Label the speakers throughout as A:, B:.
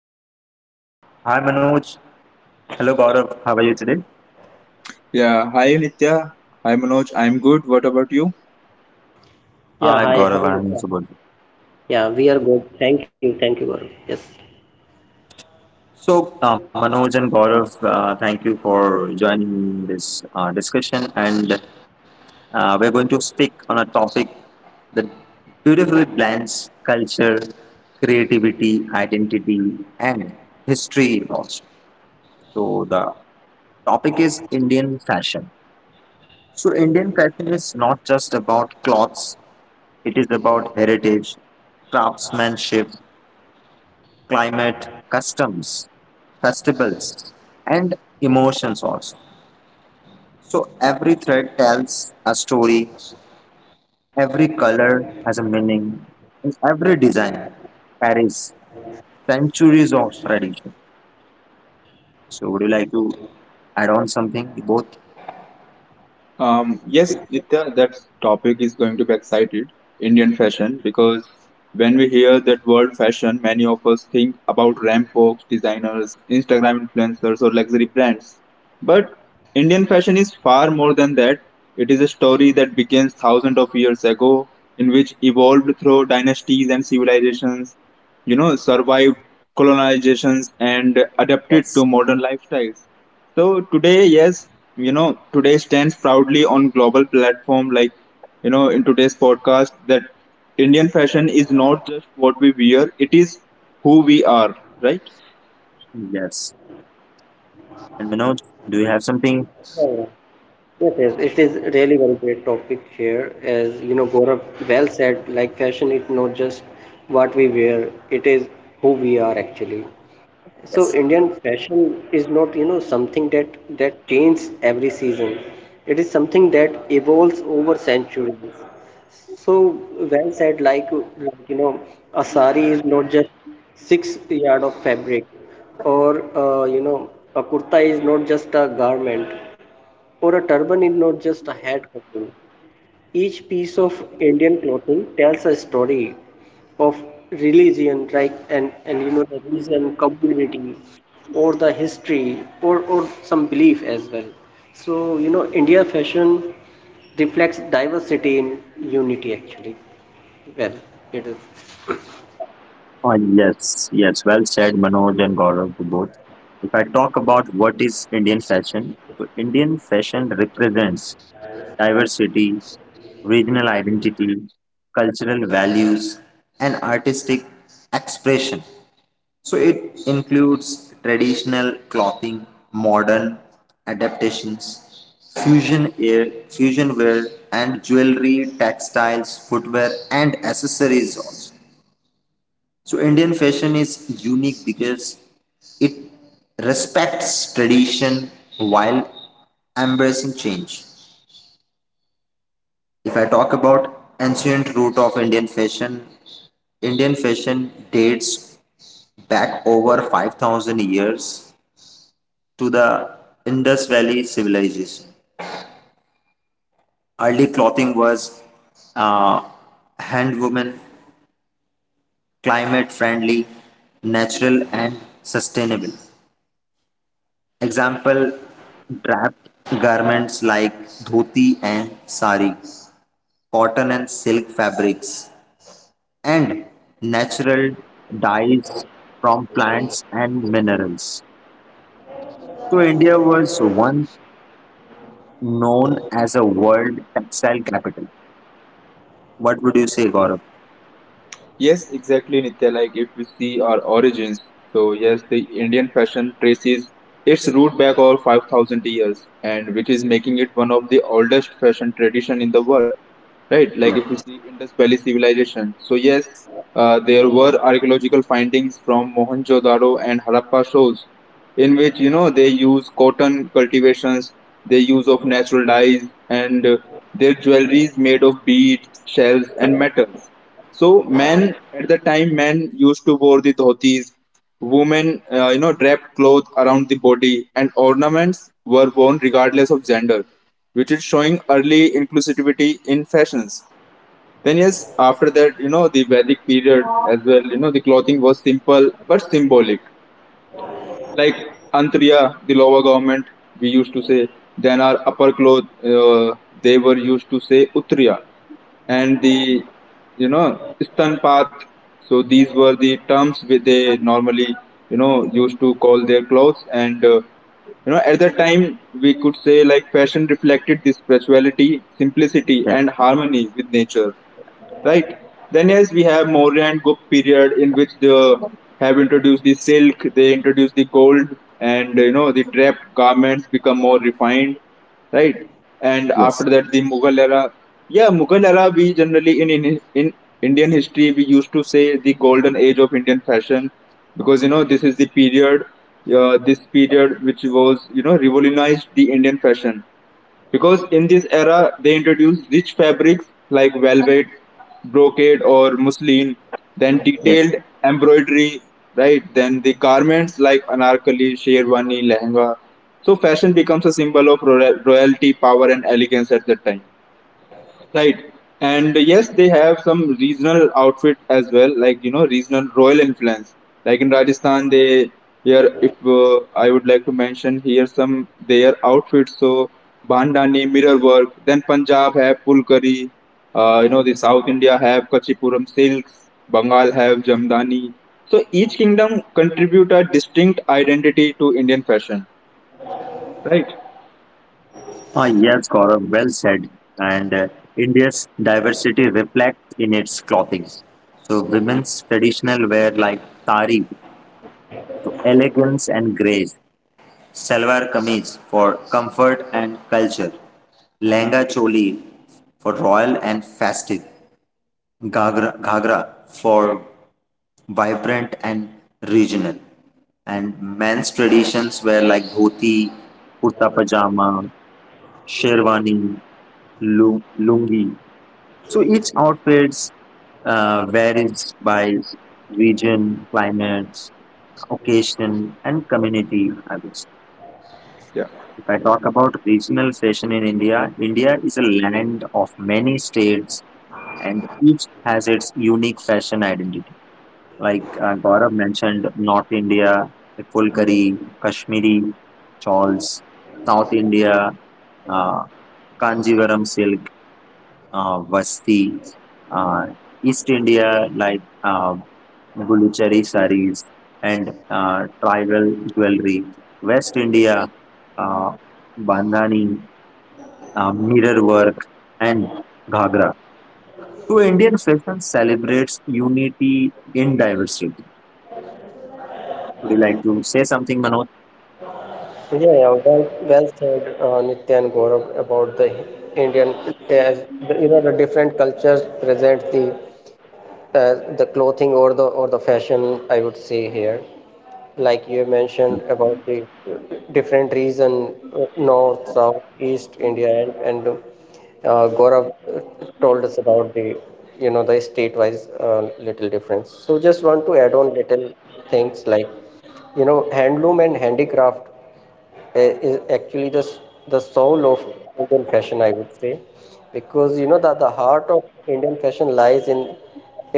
A: and Gaurav. Hi Manoj, hello Gaurav, how are you today?
B: Yeah, hi Nitya. Hi Manoj. I'm good. What about you?
C: Yeah,
A: Hi
C: hi, hi,
A: Gaurav, I'm
C: Nisha.
A: also good.
C: Yeah, we are good. Thank you, Gaurav. Yes.
A: So, Manoj and Gaurav, thank you for joining this discussion and we're going to speak on a topic that beautifully blends culture, creativity, identity and history also. So the topic is Indian fashion. So, Indian fashion is not just about clothes, it is about heritage, craftsmanship, climate, customs, festivals, and emotions also. So, every thread tells a story, every color has a meaning, and every design carries centuries of tradition. So, would you like to add on something, both?
B: Yes, Nitya, that topic is going to be excited, Indian fashion, because when we hear that word fashion, many of us think about ramp folks, designers, Instagram influencers, or luxury brands. But Indian fashion is far more than that. It is a story that begins thousands of years ago, in which evolved through dynasties and civilizations, survived colonizations and adapted to
A: Yes.
B: modern lifestyles. So today, yes, today stands proudly on global platform like, in today's podcast that Indian fashion is not just what we wear, it is who we are, right?
A: Yes. And Manoj, do you have something?
C: Yeah, yeah. Yes, yes, it is really very great topic here. As you know, Gaurav well said, like fashion is not just what we wear, it is who we are actually. So
A: Yes.
C: Indian fashion is not, something that changes every season. It is something that evolves over centuries. So well said, like you know, a sari is not just 6 yard of fabric, or a kurta is not just a garment, or a turban is not just a head covering. Each piece of Indian clothing tells a story of religion, and the region, community, or the history, or some belief as well. So India fashion reflects diversity in unity actually. Well, it is.
A: Yes, well said, Manoj and Gaurav to both. If I talk about what is Indian fashion, so Indian fashion represents diversity, regional identity, cultural values, and artistic expression. So it includes traditional clothing, modern adaptations, fusion wear, and jewelry, textiles, footwear, and accessories also. So Indian fashion is unique because it respects tradition while embracing change. If I talk about ancient root of Indian fashion dates back over 5,000 years to the Indus Valley civilization. Early clothing was uh, hand woven, climate friendly, natural, and sustainable. Example draped garments like dhoti and sari, cotton and silk fabrics, and natural dyes from plants and minerals. So, India was once known as a world textile capital. What would you say, Gaurav?
B: Yes, exactly, Nitya. Like if we see our origins, so yes, the Indian fashion traces its root back all 5,000 years, and which is making it one of the oldest fashion tradition in the world. Right, like
A: Yes,
B: if you see Indus Valley civilization. So yes, there were archaeological findings from Mohenjo-daro and Harappa shows, in which they use cotton cultivations, they use of natural dyes, and their jewelry is made of beads, shells, and metals. So men at the time, men used to wear the dhotis. Women, draped cloth around the body, and ornaments were worn regardless of gender, which is showing early inclusivity in fashions. Then yes, after that, the Vedic period as well. You know, the clothing was simple but symbolic. Like Antriya, the lower government, we used to say. Then our upper cloth, they were used to say Utriya. And the, istanpath. So these were the terms which they normally, used to call their clothes. And, at that time, we could say like fashion reflected the spirituality, simplicity,
A: yes,
B: and harmony with nature, right? Then yes, we have Maurya and Gupta period in which they have introduced the silk, they introduced the gold, and the draped garments become more refined, right? And after
A: yes,
B: that, the Mughal era. Yeah, Mughal era. We generally in Indian history we used to say the golden age of Indian fashion because this is the period, this period which was revolutionized the Indian fashion because in this era they introduced rich fabrics like velvet, brocade or muslin, then
A: yes.
B: detailed embroidery, right? Then the garments like anarkali, sherwani, lehenga. So fashion becomes a symbol of royalty, power and elegance at that time. Right. And yes, they have some regional outfit as well, like regional royal influence. Like in Rajasthan, they here if I would like to mention here some their outfits. So bandhani, mirror work. Then Punjab have pulkari. The South India have kachipuram silks. Bengal have jamdani. So each kingdom contribute a distinct identity to Indian fashion.
A: Ah, yes, Gaurav, well said. And India's diversity reflects in its clothing. So women's traditional wear like tari to elegance and grace, salwar kameez for comfort and culture, lehenga choli for royal and festive, ghagra for vibrant and regional, and men's traditions were like dhoti, kurta pajama, sherwani, lungi. So each outfits varies by region, climate, occasion, and community, I would say.
B: Yeah.
A: If I talk about regional fashion in India, India is a land of many states and each has its unique fashion identity. Like Gaurav mentioned, North India, the Fulkari, Kashmiri, shawls, South India, uh, Kanjivaram silk, Vasti, uh, East India, like Buluchari saris and tribal jewelry, West India, uh, Bandhani, mirror work, and ghagra. So, Indian fashion celebrates unity in diversity. Would you like to say something, Manoj?
C: Well said, Nitya and Gaurav, about the Indian, as the, the different cultures present the clothing or the fashion. I would say here, like you
A: Mhm.
C: mentioned about the different region, north, south, east India, and Gaurav told us about the the state-wise little difference. So just want to add on little things like handloom and handicraft uh, is actually the soul of Indian fashion I would say because you know that the heart of Indian fashion lies in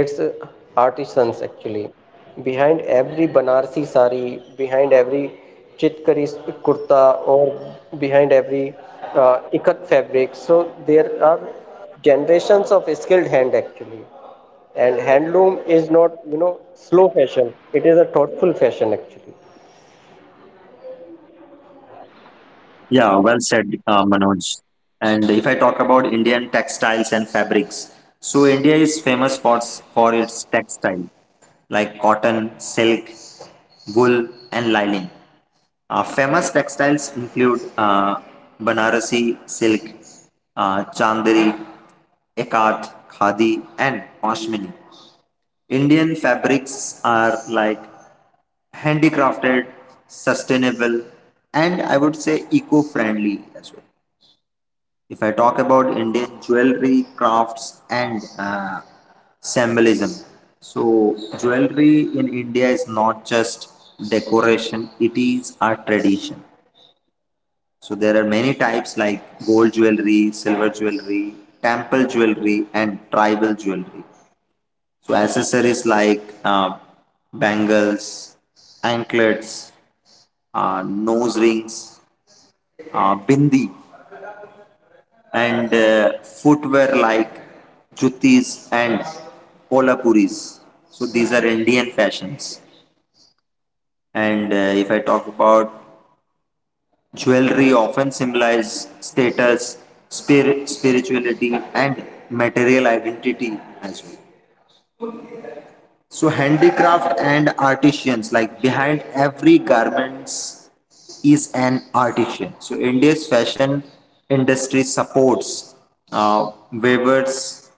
C: its artisans actually. Behind every Banarsi sari, behind every chitkari kurta, or behind every ikat fabric, so there are generations of skilled hand actually. And handloom is not, you know, slow fashion; it is a thoughtful fashion actually.
A: Yeah, well said, Manoj. And if I talk about Indian textiles and fabrics, so India is famous for its textile like cotton, silk, wool, and lining. Famous textiles include Banarasi silk, Chandari, Ekat, Khadi, and Pashmini. Indian fabrics are like handicrafted, sustainable, and I would say eco friendly as well. If I talk about Indian jewelry, crafts, and symbolism. So, jewelry in India is not just decoration, it is a tradition. So there are many types like gold jewelry, silver jewelry, temple jewelry, and tribal jewelry. So accessories like bangles, anklets, nose rings, bindi, and footwear like juttis and kolapuris. So these are Indian fashions. And if I talk about jewelry often symbolizes status, spirituality, and material identity as well. So, handicraft and artisans, like behind every garments is an artisan. So, India's fashion industry supports weavers,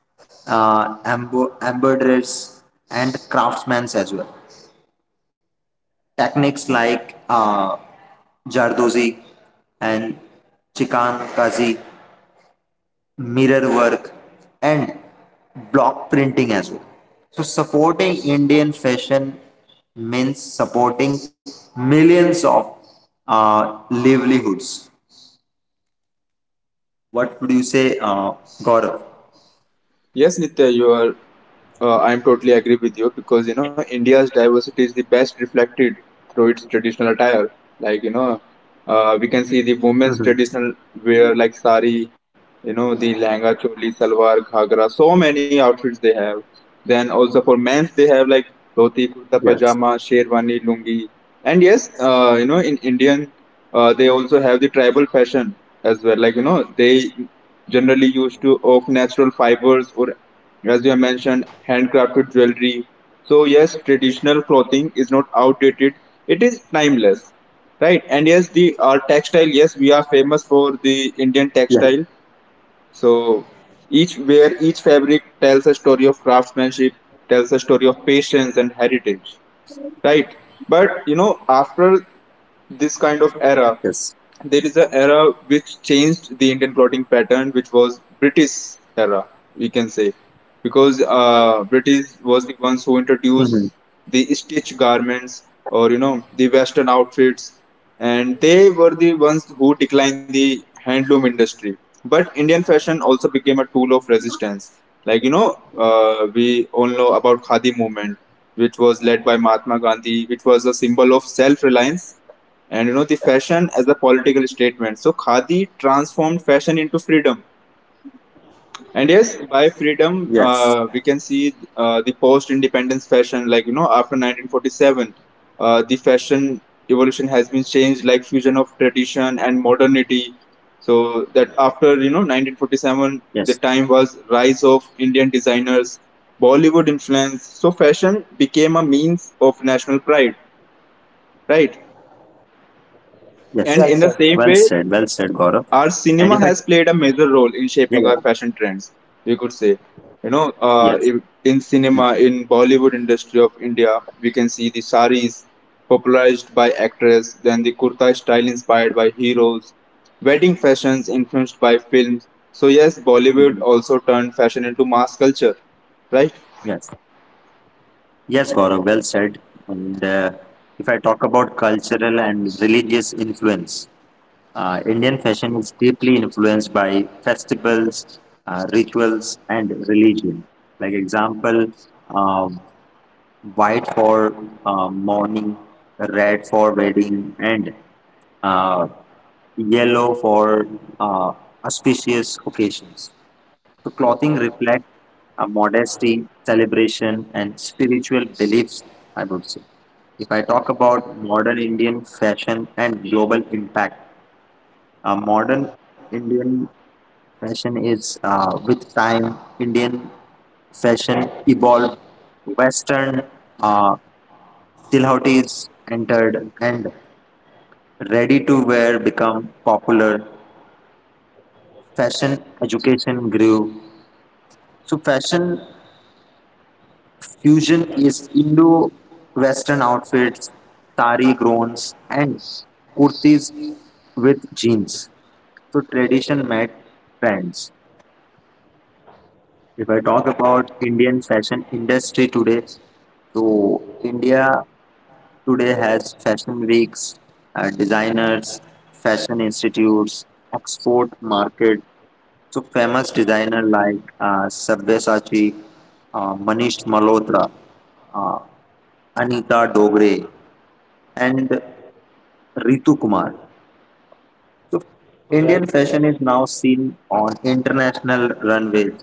A: embroiderers, and craftsmen as well. Techniques like Jardozi and Chikan Kazi mirror work, and block printing as well. So, supporting Indian fashion means supporting millions of livelihoods. What would you say, Gaurav?
B: Yes, Nitya, you are I'm totally agree with you because India's diversity is the best reflected through its traditional attire. Like
A: Mm-hmm.
B: we can see the women's traditional wear like sari, the langa choli salwar ghagra so many outfits they have then also for
A: Yes.
B: men's they have like dhoti kurta pajama sherwani lungi and yes in indian they also have the tribal fashion as well like they generally used to of natural fibers or as you have mentioned handcrafted jewelry so yes traditional clothing is not outdated it is timeless right and yes the our
A: Yes.
B: textile yes we are famous for the indian textile so each fabric tells a story of craftsmanship, tells a story of patience and heritage, right? But
A: Yes.
B: after this kind of era, there is an era which changed the Indian plotting pattern, which was British era, we can say, because
A: Mm-hmm.
B: British was the ones who introduced the stitch garments or the Western outfits, and they were the ones who declined the handloom industry. But Indian fashion also became a tool of resistance. Like we all know about Khadi movement which was led by Mahatma Gandhi, which was a symbol of self-reliance and the fashion as a political statement. So khadi transformed fashion into freedom. And
A: Yes.
B: yes, by freedom, we can see the post-independence fashion. Like after 1947, the fashion evolution has been changed, like fusion of tradition and modernity. So that
A: Yes.
B: after 1947, the time was rise of Indian designers, Bollywood influence. So fashion became a means of national pride,
A: Yes.
B: right?
A: Well said. Well said, Gaurav.
C: Well
B: And in
C: said.
B: the
C: Well
A: And
B: same
A: if
C: said.
A: I,
B: way, our cinema
A: yeah,
B: has
A: yeah.
B: played a major role in shaping our fashion trends, we could say.
A: Yes.
B: You know, uh, in in cinema in bollywood industry of india we can see the saris popularized by actress, then the kurta style inspired by heroes, wedding fashions influenced by films. So yes,
A: Mm-hmm.
B: bollywood also turned fashion into mass culture, right?
A: Yes. Yes, Gaurav, well said. And if I talk about cultural and religious influence, Indian fashion is deeply influenced by festivals, rituals, and religion. Like example, uh, white for mourning, red for wedding, and uh, yellow for uh, auspicious occasions. So clothing reflects a modesty, celebration, and spiritual beliefs, I would say. If I talk about modern Indian fashion and global impact, modern Indian fashion is with time, Indian fashion evolved, Western uh, silhouettes entered, and ready to wear become popular. Fashion education grew. So, fashion Fusion is Indo-Western outfits, sari groans, and kurtis with jeans. So tradition met trends. If I talk about Indian fashion industry today, so India today has fashion weeks, designers, fashion institutes, export market, so famous designer like Sabyasachi, Manish Malhotra, uh, Anita Dogre, and Ritu Kumar. So
C: Well.
A: Indian fashion is now seen on international runways,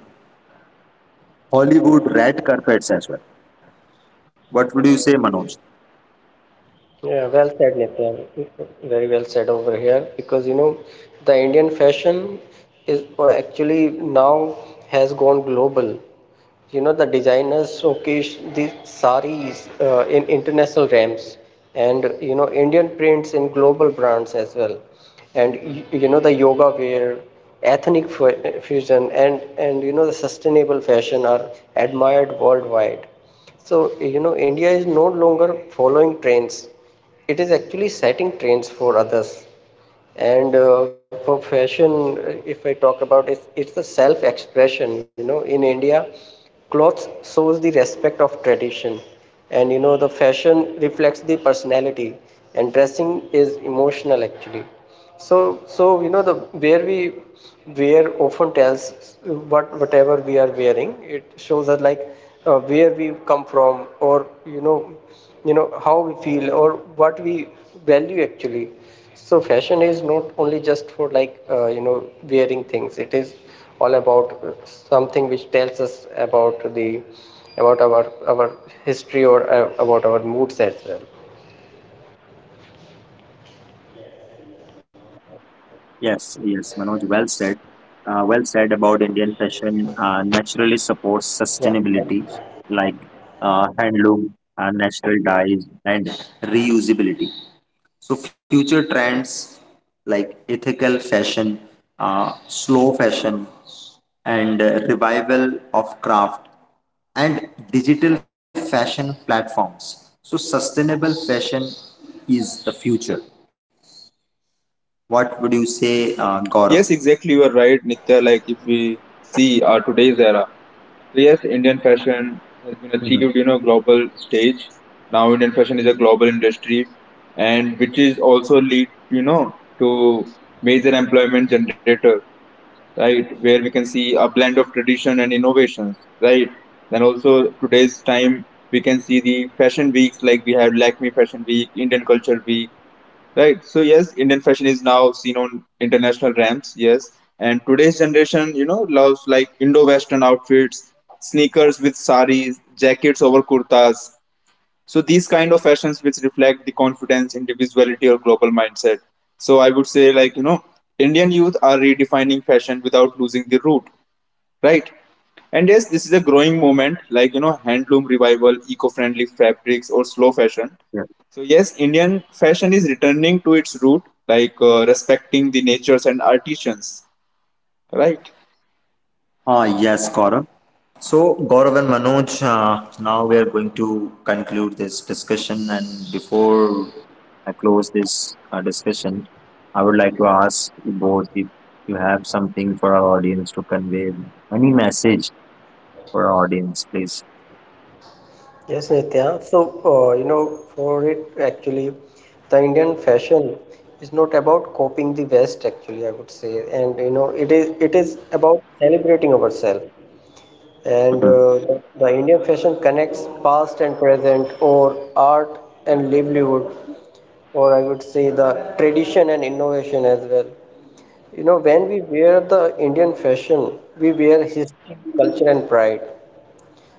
A: Hollywood red carpets as well. What would you say, Manoj?
C: Yeah, well said, Nitya. Very well said over here because you know the Indian fashion is actually now has gone global. You know the designers showcase the saris in international ramps and you know Indian prints in global brands as well. And you know the yoga wear, ethnic fusion, and you know the sustainable fashion are admired worldwide so, you know, India is no longer following trends. It is actually setting trends for others. And for fashion, if I talk about it, it's the self expression. You know, in India, clothes shows the respect of tradition and you know the fashion reflects the personality and dressing is emotional actually, so so you know the where we wear often tells what whatever we are wearing it shows us like where we come from or you know how we feel or what we value actually, so fashion is not only just for like you know wearing things, it is all about something which tells us about the about our history or about our moods as well.
A: Yes, yes, Manoj, well said. Well said about Indian fashion naturally supports
C: Yeah.
A: sustainability like handloom, natural dyes, and reusability. So, future trends like ethical fashion, slow fashion, and revival of craft and digital fashion platforms. So, sustainable fashion is the future. What would you say, Gaurav?
B: Yes, exactly. You are right, Nitya. Like if we see our today's era, so yes, Indian fashion has been achieved,
A: Mm-hmm.
B: global stage. Now Indian fashion is a global industry, and which is also lead, to major employment generator, right? Where we can see a blend of tradition and innovations, right? Then also today's time, we can see the fashion weeks like we have Lakme Fashion Week, Indian Culture Week. Right. So yes, Indian fashion is now seen on international ramps. Yes, and today's generation, loves like Indo-Western outfits, sneakers with saris, jackets over kurtas. So these kind of fashions which reflect the confidence, individuality, or global mindset. So I would say like Indian youth are redefining fashion without losing the root, right? And yes, this is a growing moment, like handloom revival, eco-friendly fabrics, or slow fashion.
A: Yeah.
B: So yes, Indian fashion is returning to its root, like respecting the natures and artisans, right?
A: Yes, Gaurav. So, Gaurav and Manoj, now we are going to conclude this discussion. And before I close this discussion, I would like to ask you both if you have something for our audience to convey, any message for our audience, please.
C: Yes, Nitya. So, you know, for it actually, the Indian fashion is not about copying the West actually, I would say. And you know, it is about celebrating ourselves.
A: Mhm.
C: And the Indian fashion connects past and present, or art and livelihood, or I would say the tradition and innovation as well. You know, when we wear the Indian fashion, we wear history, culture, and pride.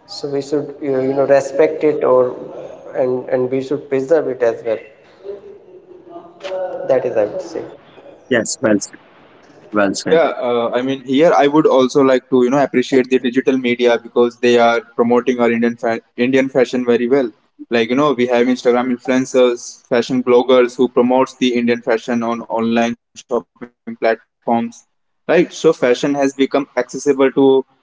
C: So we should, you know, respect it, or and we should preserve it as well. That is, I would say.
A: Yes, well said. Well said.
B: Yeah, I mean, here I would also like to, appreciate the digital media because they are promoting our Indian fashion very well. Like, we have Instagram influencers, fashion bloggers who promotes the Indian fashion on online shopping platforms, right? So fashion has become accessible to everywhere.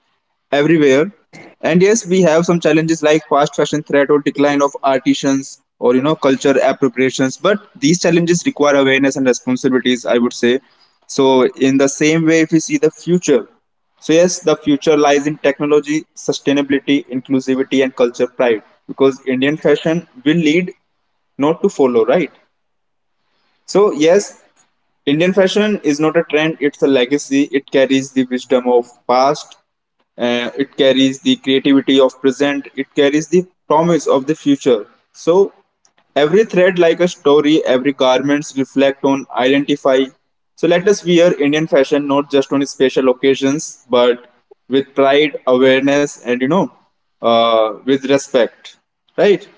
B: And yes, we have some challenges like fast fashion threat or decline of artisans or culture appropriations. But these challenges require awareness and responsibilities, I would say. So, in the same way, if we see the future, so yes, the future lies in technology, sustainability, inclusivity, and culture pride because Indian fashion will lead, not to follow, right? So, yes, Indian fashion is not a trend, it's a legacy. It carries the wisdom of past, it carries the creativity of present, it carries the promise of the future. So every thread like a story, every garments reflect on identify. So let us wear Indian fashion not just on special occasions, but with pride, awareness, and with respect. Right?